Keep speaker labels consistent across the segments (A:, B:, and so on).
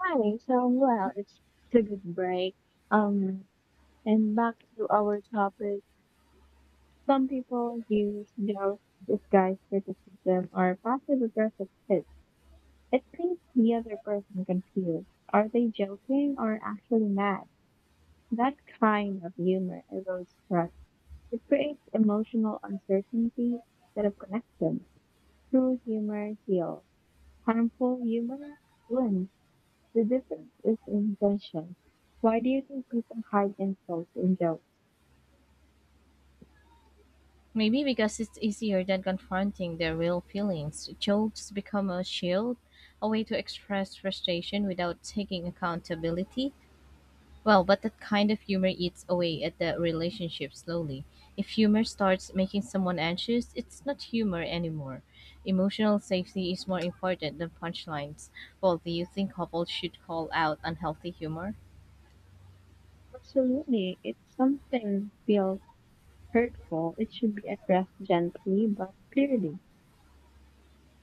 A: Hi. So, well, it's a good break. Um, and back to our topic. Some people use their disguise criticism or passive aggressive tips. It keeps the other person confused. Are they joking or actually mad? That kind of humor erodes trust. It creates emotional uncertainty instead of connection. True humor heals. Harmful humor wounds. The difference is in intention. Why do you think people hide insults in jokes?
B: Maybe because it's easier than confronting their real feelings, jokes become a shield, a way to express frustration without taking accountability. Well, but that kind of humor eats away at the relationship slowly. If humor starts making someone anxious, it's not humor anymore. Emotional safety is more important than punchlines. Well, do you think couples should call out unhealthy humor?
A: Absolutely. If something feels hurtful, it should be addressed gently but clearly.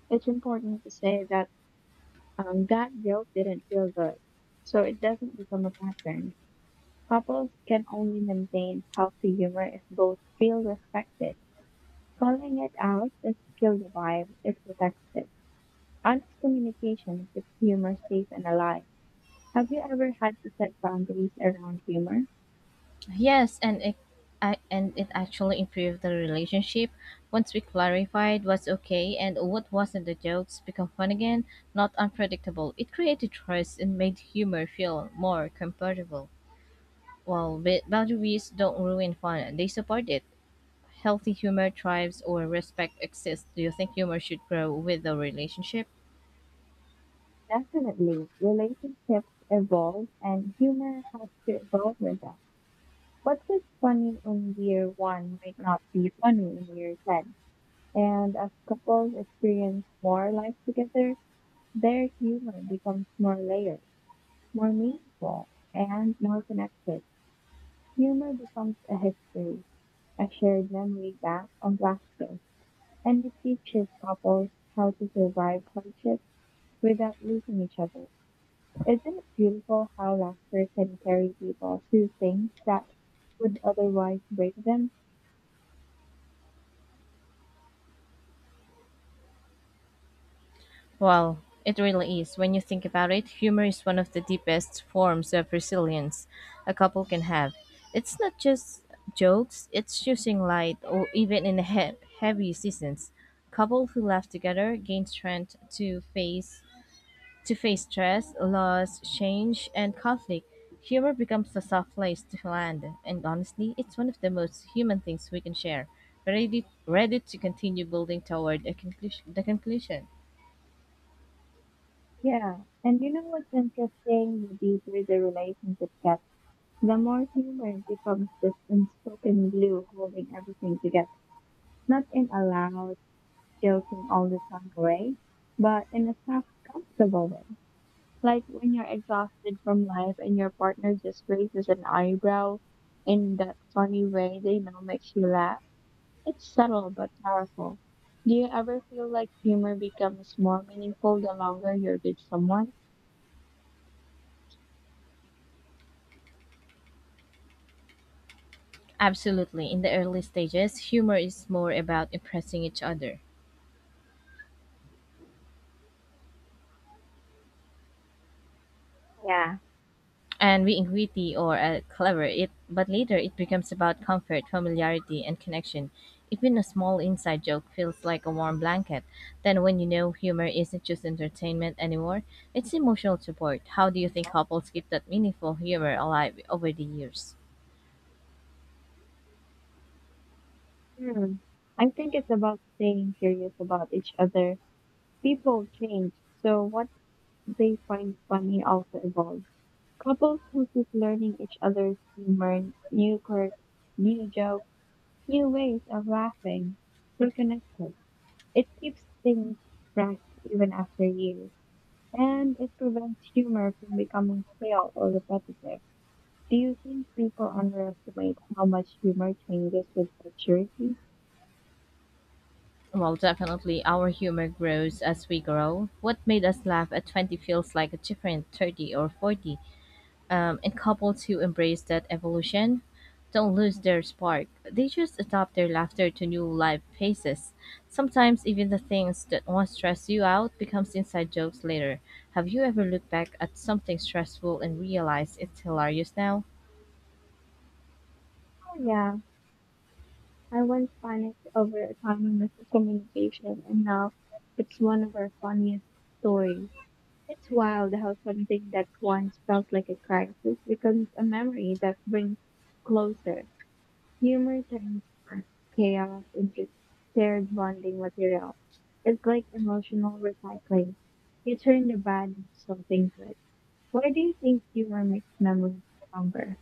A: It's important to say that that joke didn't feel good, so it doesn't become a pattern. Couples can only maintain healthy humor if both feel respected. Calling it out doesn't kill the vibe, it protects it. Honest communication keeps humor safe and alive. Have you ever had to set boundaries around humor?
B: Yes, and it actually improved the relationship once we clarified what's okay and what wasn't. The jokes become fun again, not unpredictable. It created trust and made humor feel more comfortable. While boundaries don't ruin fun, they support it. Healthy humor thrives or respect exists. Do you think humor should grow with the relationship?
A: Definitely, relationships evolve and humor has to evolve with them. What was funny in year one might not be funny in year 10. And as couples experience more life together, their humor becomes more layered, more meaningful, and more connected. Humor becomes a history, a shared memory back on Blackstone, and it teaches couples how to survive hardship without losing each other. Isn't it beautiful how laughter can carry people through things that would otherwise break them?
B: Well, it really is. When you think about it, humor is one of the deepest forms of resilience a couple can have. It's not just jokes, it's choosing light, or even in heavy seasons. Couples who laugh together gain strength to face stress, loss, change, and conflict. Humor becomes a soft place to land, and honestly, it's one of the most human things we can share. Ready to continue building toward the conclusion.
A: Yeah, and you know what's interesting? The deeper the relationship gets, the more humor becomes this unspoken glue holding everything together. Not in a loud, joking all the time way, but in a soft, comfortable way. Like when you're exhausted from life and your partner just raises an eyebrow in that funny way they know makes you laugh. It's subtle but powerful. Do you ever feel like humor becomes more meaningful the longer you're with someone?
B: Absolutely. In the early stages, humor is more about impressing each other
A: Yeah.
B: and being witty or clever. But later, it becomes about comfort, familiarity, and connection. Even a small inside joke feels like a warm blanket. Then, when humor isn't just entertainment anymore, it's emotional support. How do you think couples keep that meaningful humor alive over the years?
A: Hmm. I think it's about staying curious about each other. People change, so what they find funny also evolves. Couples who keep learning each other's humor, new quirks, new jokes, new ways of laughing, stay connected. It keeps things fresh even after years, and it prevents humor from becoming stale or repetitive. Do you think people underestimate how much humor changes with maturity?
B: Well, definitely, our humor grows as we grow. What made us laugh at 20 feels like a different 30 or 40. And couples who embrace that evolution don't lose their spark. They just adapt their laughter to new life phases. Sometimes even the things that once stressed you out becomes inside jokes later. Have you ever looked back at something stressful and realized it's hilarious now?
A: Oh yeah, I once panicked over a tiny miscommunication and now it's one of our funniest stories. It's wild how something that once felt like a crisis becomes a memory that brings closer. Humor turns first chaos into shared bonding material. It's like emotional recycling. You turn the bad into something good. Why do you think humor makes memories stronger?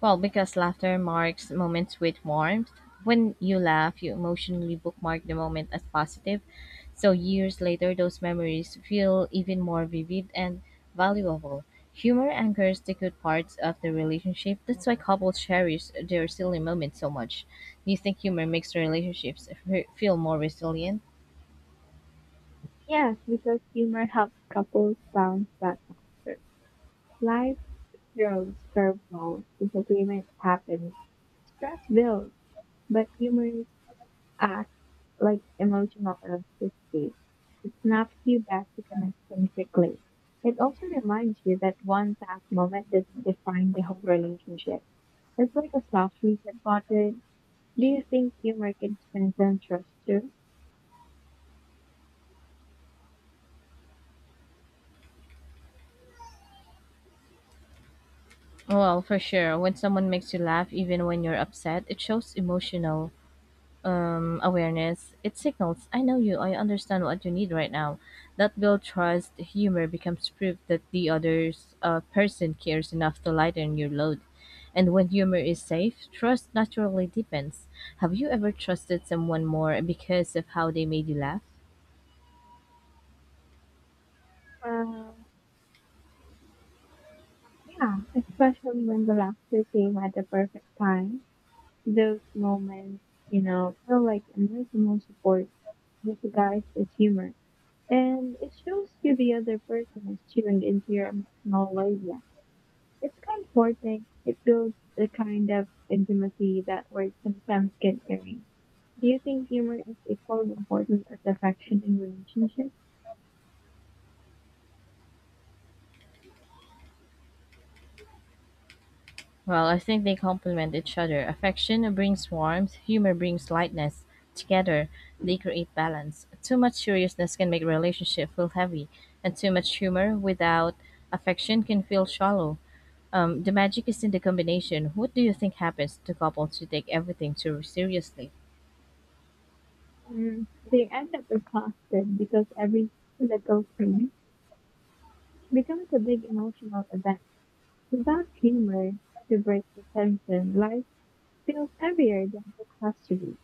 B: Well, because laughter marks moments with warmth. When you laugh, you emotionally bookmark the moment as positive. So years later, those memories feel even more vivid and valuable. Humor anchors the good parts of the relationship. That's why couples cherish their silly moments so much. Do you think humor makes relationships feel more resilient?
A: Yes, because humor helps couples bounce back after. Life throws curveballs, disagreements happen, stress builds, but humor acts like emotional elasticity. It snaps you back to connection quickly. It also reminds you that one past moment doesn't define the whole relationship. It's like a soft reset button. Do you think humor can strengthen trust too?
B: Well, for sure. When someone makes you laugh, even when you're upset, it shows emotional awareness. It signals, I know you, I understand what you need right now. That build trust, humor becomes proof that the other person cares enough to lighten your load. And when humor is safe, trust naturally deepens. Have you ever trusted someone more because of how they made you laugh?
A: Uh, yeah, especially when the laughter came at the perfect time. Those moments, you know, feel like emotional support disguised as humor. And it shows you the other person is chewing into your emotional labia. It's comforting. It builds the kind of intimacy that words sometimes get during. Do you think humor is equally important as affection in relationships?
B: Well, I think they complement each other. Affection brings warmth, humor brings lightness. Together, they create balance. Too much seriousness can make a relationship feel heavy, and too much humor without affection can feel shallow. The magic is in the combination. What do you think happens to couples who take everything too seriously?
A: Mm, they end up exhausted because every little thing becomes a big emotional event. Without humor to break the tension, life feels heavier than it has to be.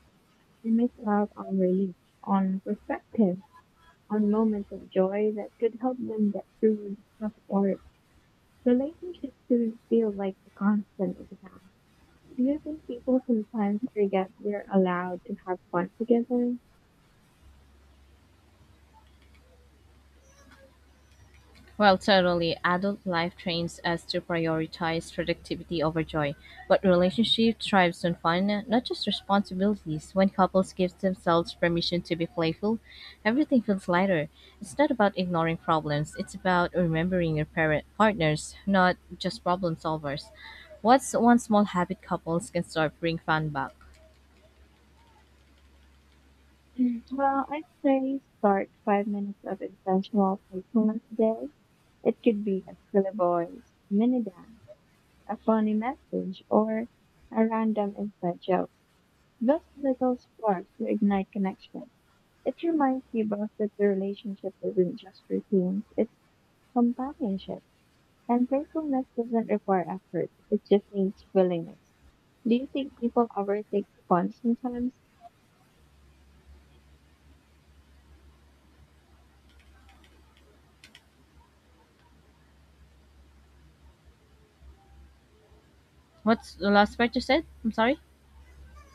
A: You miss out on relief, on perspective, on moments of joy that could help them get through the tough or Relationships do feel like a constant exam. Do you think people sometimes forget they're allowed to have fun together?
B: Well, totally adult life trains us to prioritize productivity over joy, but relationship thrives on fun, not just responsibilities. When couples give themselves permission to be playful, everything feels lighter. It's not about ignoring problems, it's about remembering your parent partners, not just problem solvers. What's one small habit couples can start bring fun back?
A: Well, I'd say start 5 minutes of intentional playfulness a day. It could be a silly voice, mini dance, a funny message, or a random inside joke. Those little sparks will ignite connection. It reminds you both that the relationship isn't just routine, it's companionship. And playfulness doesn't require effort, it just needs willingness. Do you think people overthink fun sometimes?
B: What's the last part you said? I'm sorry.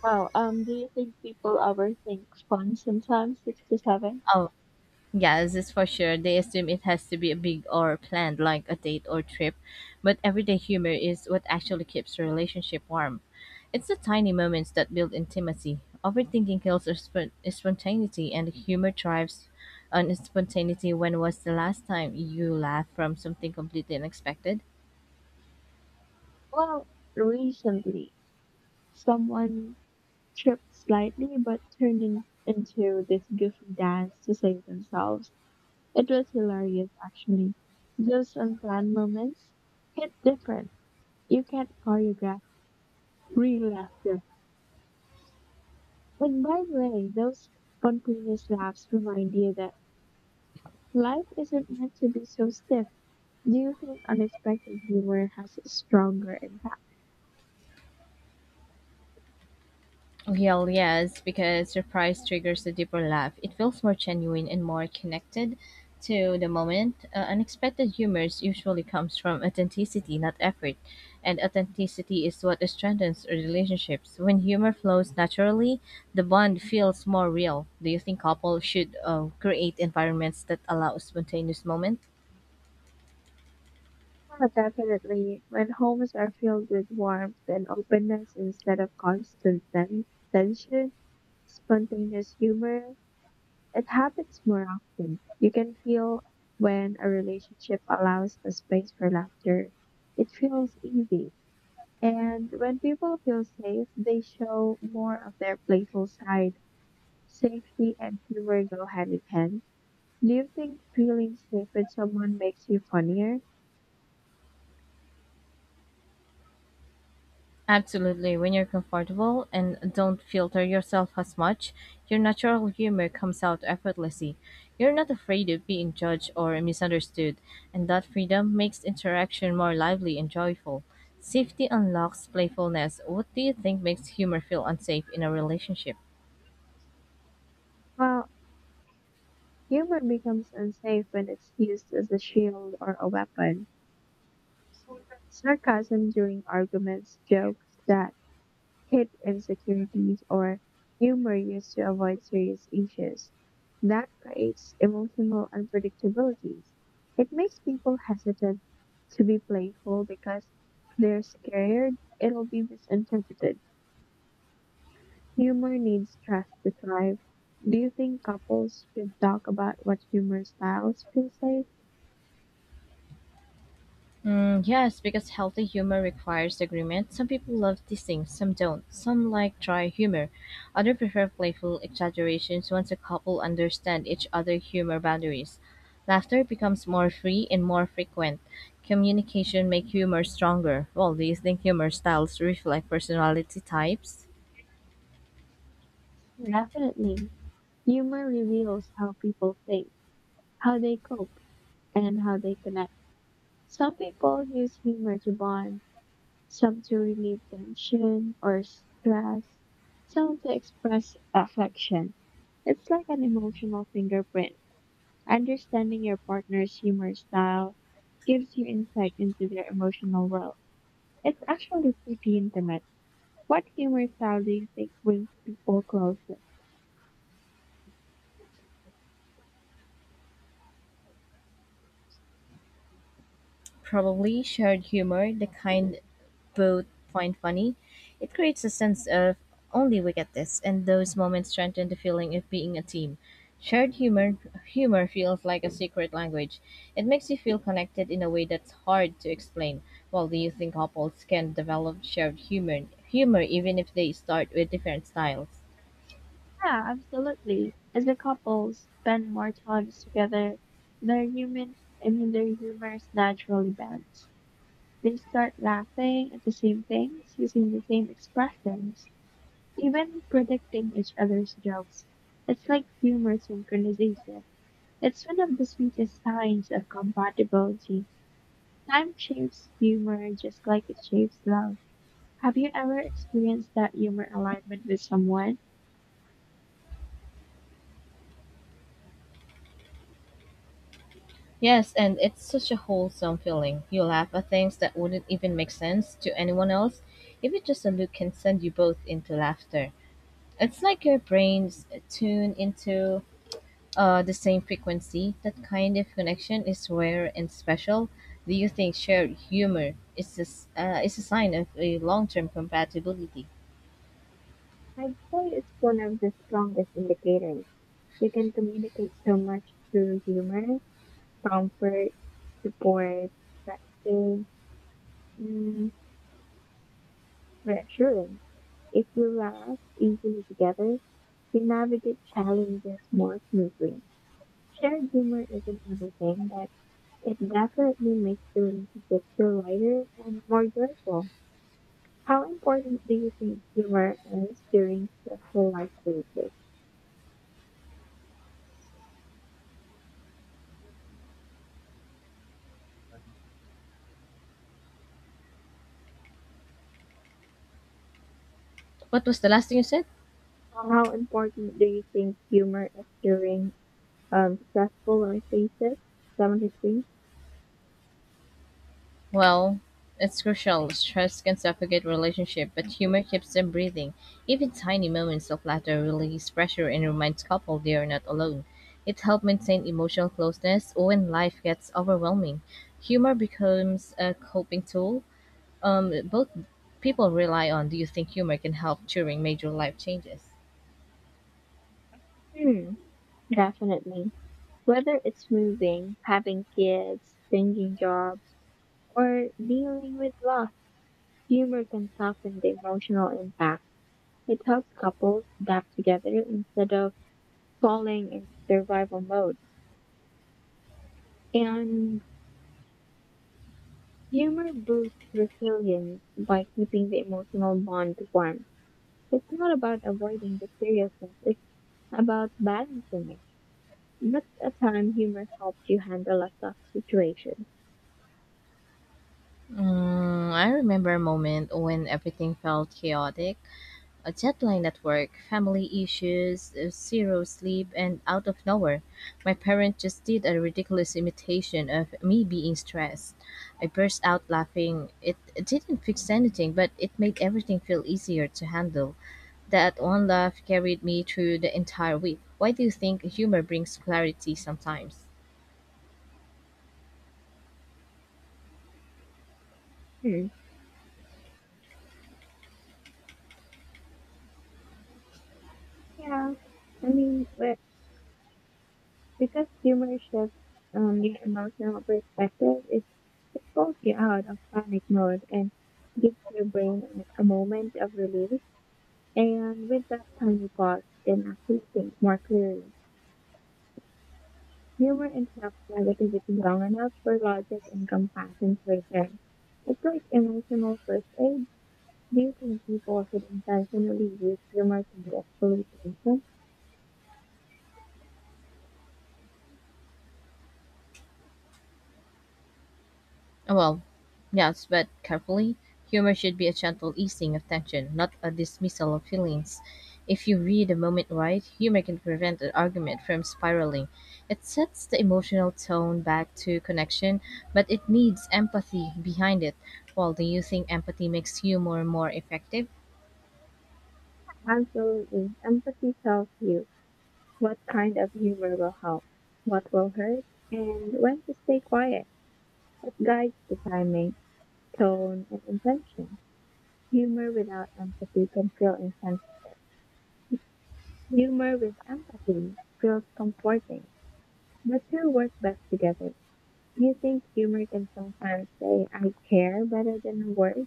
A: Well, do you think people overthink fun sometimes, six to seven?
B: Oh, yeah, this is for sure. They assume it has to be big or planned, like a date or trip. But everyday humor is what actually keeps a relationship warm. It's the tiny moments that build intimacy. Overthinking kills our spontaneity, and humor thrives on spontaneity. When was the last time you laughed from something completely unexpected?
A: Well, recently, someone tripped slightly but turned into this goofy dance to save themselves. It was hilarious, actually. Those unplanned moments hit different. You can't choreograph real laughter. And by the way, those spontaneous laughs remind you that life isn't meant to be so stiff. Do you think unexpected humor has a stronger impact?
B: Hell yes, because surprise triggers a deeper laugh. It feels more genuine and more connected to the moment. Unexpected humors usually comes from authenticity, not effort. And authenticity is what strengthens relationships. When humor flows naturally, the bond feels more real. Do you think couples should create environments that allow spontaneous moments?
A: Well, definitely. When homes are filled with warmth and openness instead of constant tension, spontaneous humor, it happens more often. You can feel when a relationship allows a space for laughter. It feels easy. And when people feel safe, they show more of their playful side. Safety and humor go hand in hand. Do you think feeling safe with someone makes you funnier?
B: Absolutely, when you're comfortable and don't filter yourself as much, your natural humor comes out effortlessly. You're not afraid of being judged or misunderstood, and that freedom makes interaction more lively and joyful. Safety unlocks playfulness. What do you think makes humor feel unsafe in a relationship?
A: Well, humor becomes unsafe when it's used as a shield or a weapon. Sarcasm during arguments, jokes that hid insecurities, or humor used to avoid serious issues. That creates emotional unpredictabilities. It makes people hesitant to be playful because they're scared it'll be misinterpreted. Humor needs trust to thrive. Do you think couples should talk about what humor styles feel safe?
B: Mm, yes, because healthy humor requires agreement. Some people love teasing, some don't. Some like dry humor. Others prefer playful exaggerations once a couple understand each other's humor boundaries. Laughter becomes more free and more frequent. Communication make humor stronger. Well, do you think humor styles reflect personality types?
A: Definitely. Humor reveals how people think, how they cope, and how they connect. Some people use humor to bond, some to relieve tension or stress, some to express affection. It's like an emotional fingerprint. Understanding your partner's humor style gives you insight into their emotional world. It's actually pretty intimate. What humor style do you think brings people closer?
B: Probably shared humor, the kind both find funny. It creates a sense of only we get this, and those moments strengthen the feeling of being a team. Shared humor feels like a secret language. It makes you feel connected in a way that's hard to explain. Well, do you think couples can develop shared humor even if they start with different styles?
A: Yeah, absolutely. As a couple spend more time together, their human I mean their humors naturally bends. They start laughing at the same things, using the same expressions, even predicting each other's jokes. It's like humor synchronization. It's one of the sweetest signs of compatibility. Time shapes humor just like it shapes love. Have you ever experienced that humor alignment with someone?
B: Yes, and it's such a wholesome feeling. You laugh at things that wouldn't even make sense to anyone else. Even just a look can send you both into laughter. It's like your brains tune into the same frequency. That kind of connection is rare and special. Do you think shared humor is is a sign of a long term compatibility?
A: I'd say it's one of the strongest indicators. You can communicate so much through humor, comfort, support, affection, reassurance. If you laugh easily together, you navigate challenges more smoothly. Shared humor isn't everything, but it definitely makes the relationship feel lighter and more joyful. How important do you think humor is during stressful life phases?
B: What was the last thing you said?
A: Or how important do you think humor is during stressful life phases? 73?
B: Well, it's crucial. Stress can suffocate relationship, but humor keeps them breathing. Even tiny moments of laughter release pressure and reminds couple they are not alone. It helps maintain emotional closeness when life gets overwhelming. Humor becomes a coping tool. Both people rely on. Do you think humor can help during major life changes?
A: Hmm, definitely. Whether it's moving, having kids, changing jobs, or dealing with loss, humor can soften the emotional impact. It helps couples adapt together instead of falling into survival mode. And humor boosts resilience by keeping the emotional bond warm. It's not about avoiding the seriousness, it's about balancing it. That's a time humor helped you handle a tough situation.
B: I remember a moment when everything felt chaotic. A deadline at work, family issues, zero sleep, and out of nowhere, my parents just did a ridiculous imitation of me being stressed. I burst out laughing. It didn't fix anything, but it made everything feel easier to handle. That one laugh carried me through the entire week. Why do you think humor brings clarity sometimes?
A: Hmm. Yeah. I mean, we because humor shifts your emotional perspective, it pulls you out of panic mode and gives your brain a moment of relief. And with that tiny pause, you can actually think more clearly. Humor interrupts negativity long enough for logic and compassion to return. It's like emotional first aid. Do you think people should intentionally use humor to get solutions?
B: Well, yes, but carefully. Humor should be a gentle easing of tension, not a dismissal of feelings. If you read a moment right, humor can prevent an argument from spiraling. It sets the emotional tone back to connection, but it needs empathy behind it. Well, do you think empathy makes humor more effective?
A: Absolutely. Empathy tells you. What kind of humor will help? What will hurt? And when to stay quiet? It guides the timing, tone, and intention. Humor without empathy can feel insensitive. Humor with empathy feels comforting. The two work best together. You think humor can sometimes say, I care better than words?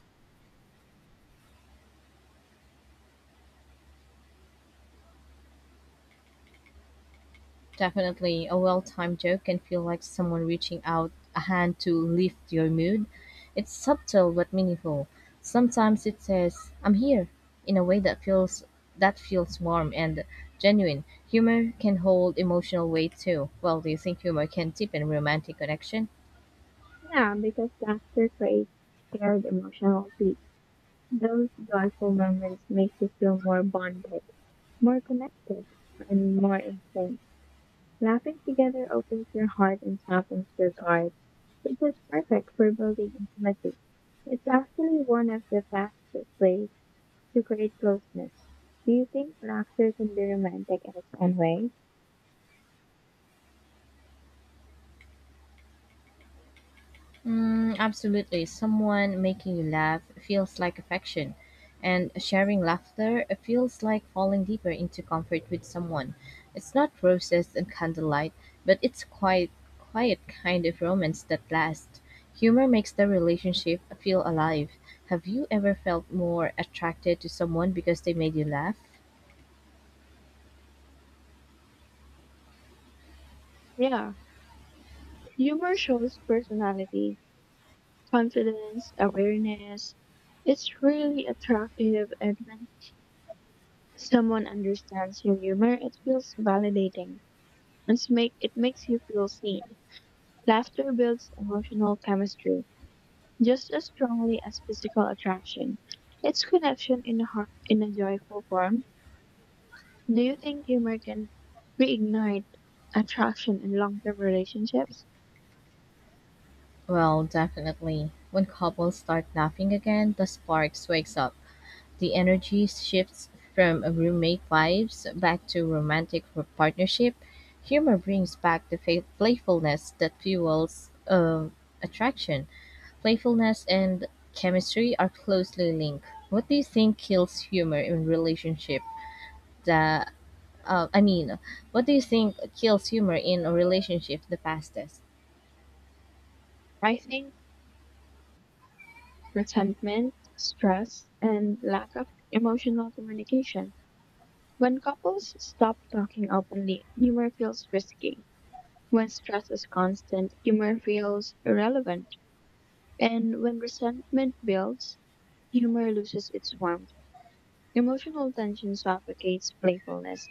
B: Definitely, a well-timed joke can feel like someone reaching out a hand to lift your mood. It's subtle but meaningful. Sometimes it says, "I'm here," in a way that feels warm and genuine. Humor can hold emotional weight too. Well, do you think humor can deepen romantic connection?
A: Yeah, because laughter creates shared emotional peace. Those joyful moments make you feel more bonded, more connected, and more in sync. Laughing together opens your heart and softens your heart, which is perfect for building intimacy. It's actually one of the fastest ways to create closeness. Do you think laughter can be romantic in its own way?
B: Mm, absolutely. Someone making you laugh feels like affection, and sharing laughter feels like falling deeper into comfort with someone. It's not roses and candlelight, but it's quite quiet kind of romance that lasts. Humor makes the relationship feel alive. Have you ever felt more attracted to someone because they made you laugh?
A: Yeah, humor shows personality, confidence, awareness. It's really attractive, and when someone understands your humor, it feels validating and makes you feel seen. Laughter builds emotional chemistry just as strongly as physical attraction. It's connection in a joyful form. Do you think humor can reignite attraction in long-term relationships?
B: Well, definitely. When couples start laughing again, the sparks wakes up. The energy shifts from roommate vibes back to romantic partnership. Humor brings back the playfulness that fuels attraction. Playfulness and chemistry are closely linked. What do you think kills humor in relationship? The uh, I mean, what do you think kills humor in a relationship the fastest?
A: I think resentment, stress, and lack of emotional communication. When couples stop talking openly, humor feels risky. When stress is constant, humor feels irrelevant. And when resentment builds, humor loses its warmth. Emotional tension suffocates playfulness.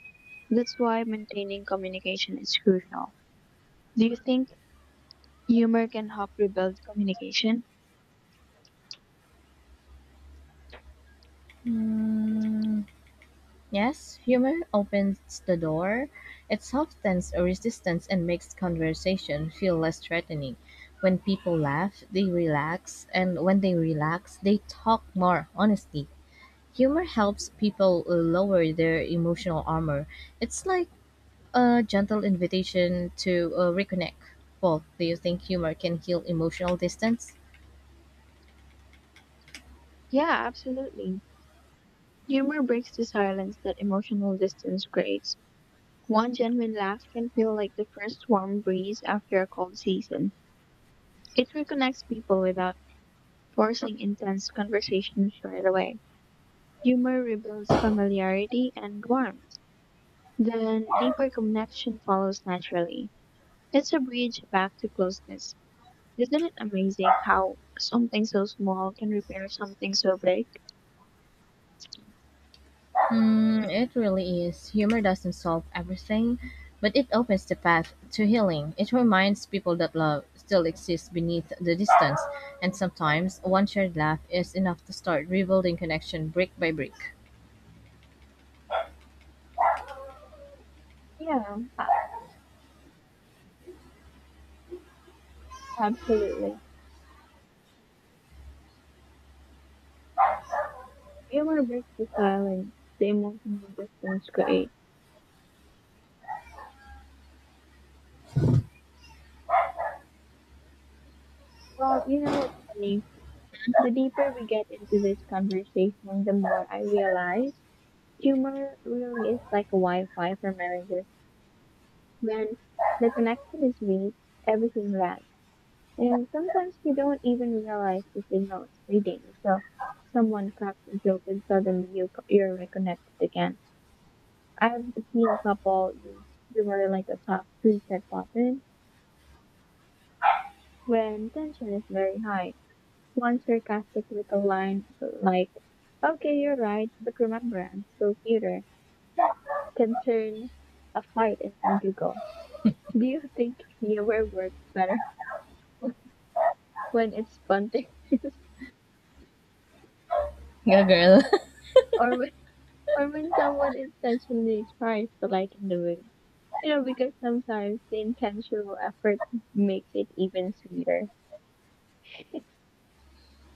A: That's why maintaining communication is crucial. Do you think humor can help rebuild communication?
B: Mm, yes, humor opens the door. It softens a resistance and makes conversation feel less threatening. When people laugh, they relax, and when they relax, they talk more honestly. Humor helps people lower their emotional armor. It's like a gentle invitation to reconnect. Well, do you think humor can heal emotional distance?
A: Yeah, absolutely. Humor breaks the silence that emotional distance creates. One genuine laugh can feel like the first warm breeze after a cold season. It reconnects people without forcing intense conversations right away. Humor rebuilds familiarity and warmth. Then deeper connection follows naturally. It's a bridge back to closeness. Isn't it amazing how something so small can repair something so big?
B: It really is. Humor doesn't solve everything, but it opens the path to healing. It reminds people that love still exists beneath the distance, and sometimes one shared laugh is enough to start rebuilding connection brick by brick.
A: Yeah, a- absolutely. Humor breaks the silence the emotional distance create. Well, you know what's funny? The deeper we get into this conversation, the more I realize humor really is like a Wi-Fi for marriages. When the connection is weak, everything lags. And sometimes you don't even realize the signal is fading until someone cracks a joke and suddenly you're reconnected again. I've seen a couple use humor like a soft reset button when tension is very high. One sarcastic little line like, okay, you're right, but remember, I'm still cuter, can turn a fight into a giggle. Do you think humor works better when it's spontaneous
B: Yeah, girl.
A: or when or when someone intentionally tries to lighten the mood. You know, because sometimes the intentional effort makes it even sweeter.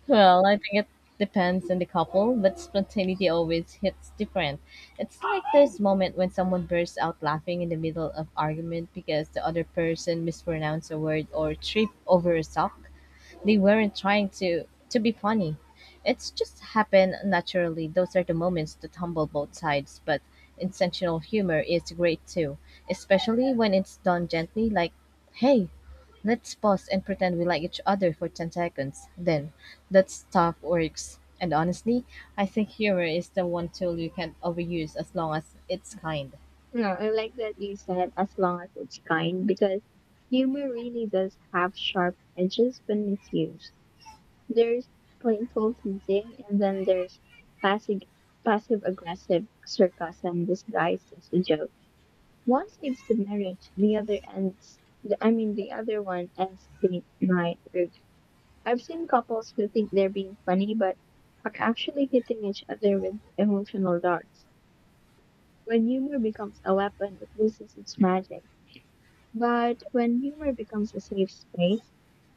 B: Well, I think it depends on the couple, but spontaneity always hits different. It's like this moment when someone bursts out laughing in the middle of argument because the other person mispronounced a word or tripped over a sock. They weren't trying to be funny. It's just happened naturally. Those are the moments that humble both sides, but intentional humor is great too, especially when it's done gently like, "Hey, let's pause and pretend we like each other for 10 seconds." Then that stuff works. And honestly, I think humor is the one tool you can't overuse as long as it's kind.
A: No, I like that you said as long as it's kind because humor really does have sharp edges when misused. There's playful teasing and then there's passive passive aggressive sarcasm disguised as a joke. One saves the marriage, the other ends I mean the other one ends the night. I've seen couples who think they're being funny but are actually hitting each other with emotional darts. When humor becomes a weapon, it loses its magic. But when humor becomes a safe space,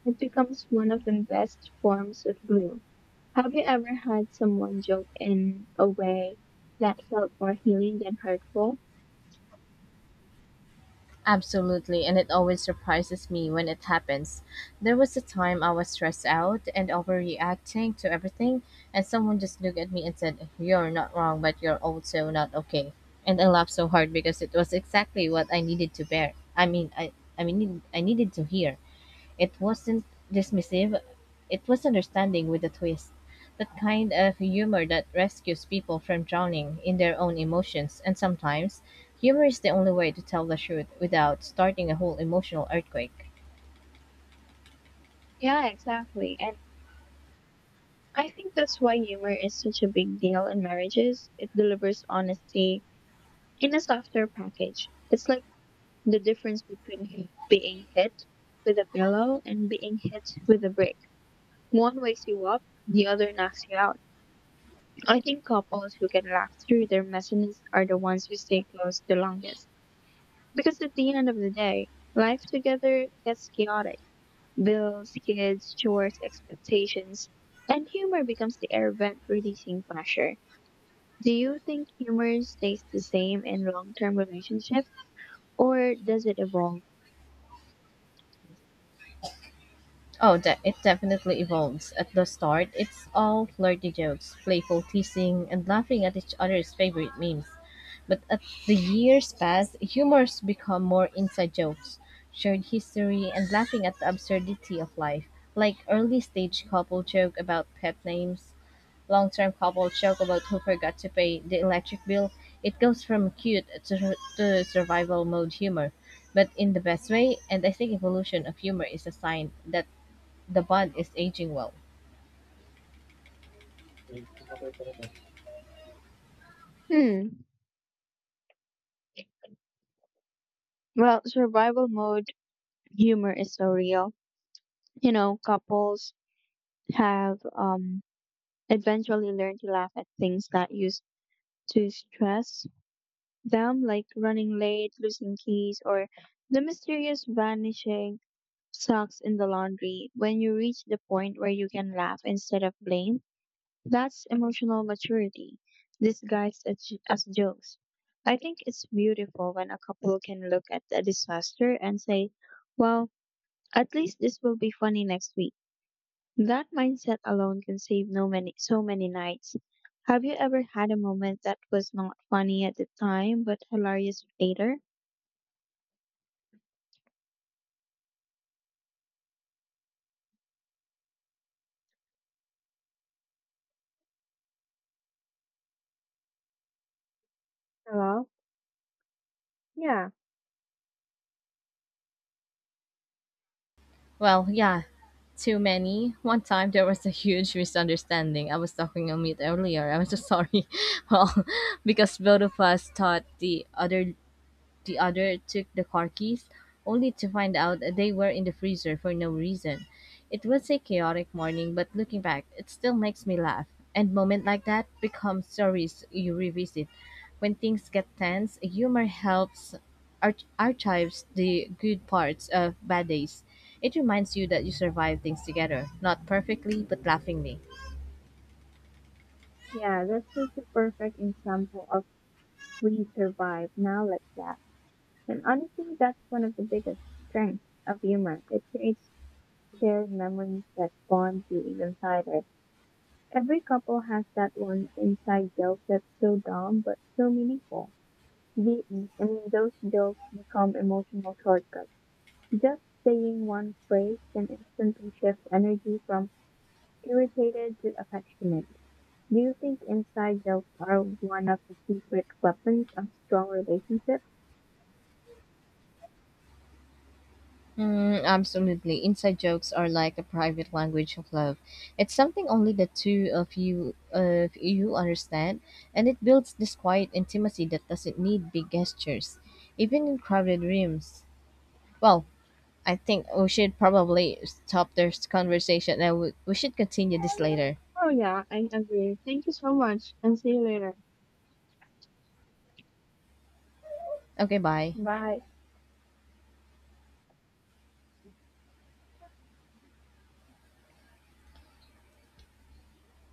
A: it becomes one of the best forms of glue. Have you ever had someone joke in a way that felt more healing than hurtful?
B: Absolutely, and it always surprises me when it happens. There was a time I was stressed out and overreacting to everything, and someone just looked at me and said, You're not wrong, but you're also not okay. And I laughed so hard because it was exactly what I needed to bear. I mean, I needed to hear. It wasn't dismissive, it was understanding with a twist. That kind of humor that rescues people from drowning in their own emotions, and sometimes humor is the only way to tell the truth without starting a whole emotional earthquake.
A: Yeah, exactly. And I think that's why humor is such a big deal in marriages. It delivers honesty in a softer package. It's like the difference between h- being hit with a pillow and being hit with a brick. One wakes you up, the other knocks you out. I think couples who can laugh through their messiness are the ones who stay close the longest. Because at the end of the day, life together gets chaotic. Bills, kids, chores, expectations, and humor becomes the air vent releasing pressure. Do you think humor stays the same in long term relationships or does it evolve?
B: Oh, it definitely evolves. At the start, it's all flirty jokes, playful teasing, and laughing at each other's favorite memes. But as the years pass, humors become more inside jokes, shared history, and laughing at the absurdity of life, like early stage couple joke about pet names. Long-term couple joke about who forgot to pay the electric bill. It goes from cute to survival mode humor, but in the best way, and I think evolution of humor is a sign that the bond is aging well.
A: Hmm. Well, survival mode humor is so real. You know, couples have eventually learned to laugh at things that used to stress them, like running late, losing keys, or the mysterious vanishing socks in the laundry. When you reach the point where you can laugh instead of blame, that's emotional maturity disguised as jokes. I think it's beautiful when a couple can look at a disaster and say, well, at least this will be funny next week. That mindset alone can save no many so many nights. Have you ever had a moment that was not funny at the time but hilarious later? Hello? Yeah,
B: Well, yeah, too many. One time there was a huge misunderstanding. I was talking on mute earlier. I'm so sorry. Well, because both of us thought the other took the car keys, only to find out they were in the freezer for no reason. It was a chaotic morning, but looking back, it still makes me laugh. And moments like that become stories you revisit. When things get tense, humor helps archives the good parts of bad days. It reminds you that you survive things together, not perfectly, but laughingly.
A: yeah, that's just a perfect example of we survive, now let's laugh. And honestly, that's one of the biggest strengths of humor. It creates shared memories that bond you even tighter. Every couple has that one inside joke that's so dumb but so meaningful. The, I mean, those jokes become emotional shortcuts. Just saying one phrase can instantly shift energy from irritated to affectionate. Do you think inside jokes are one of the secret weapons of strong relationships?
B: Mm, absolutely. Inside jokes are like a private language of love. It's something only the two of you understand, and it builds this quiet intimacy that doesn't need big gestures, even in crowded rooms. Well, I think we should probably stop this conversation, and we should continue this later.
A: Oh, yeah, I agree. Thank you so much and see you later.
B: Okay, bye.
A: Bye.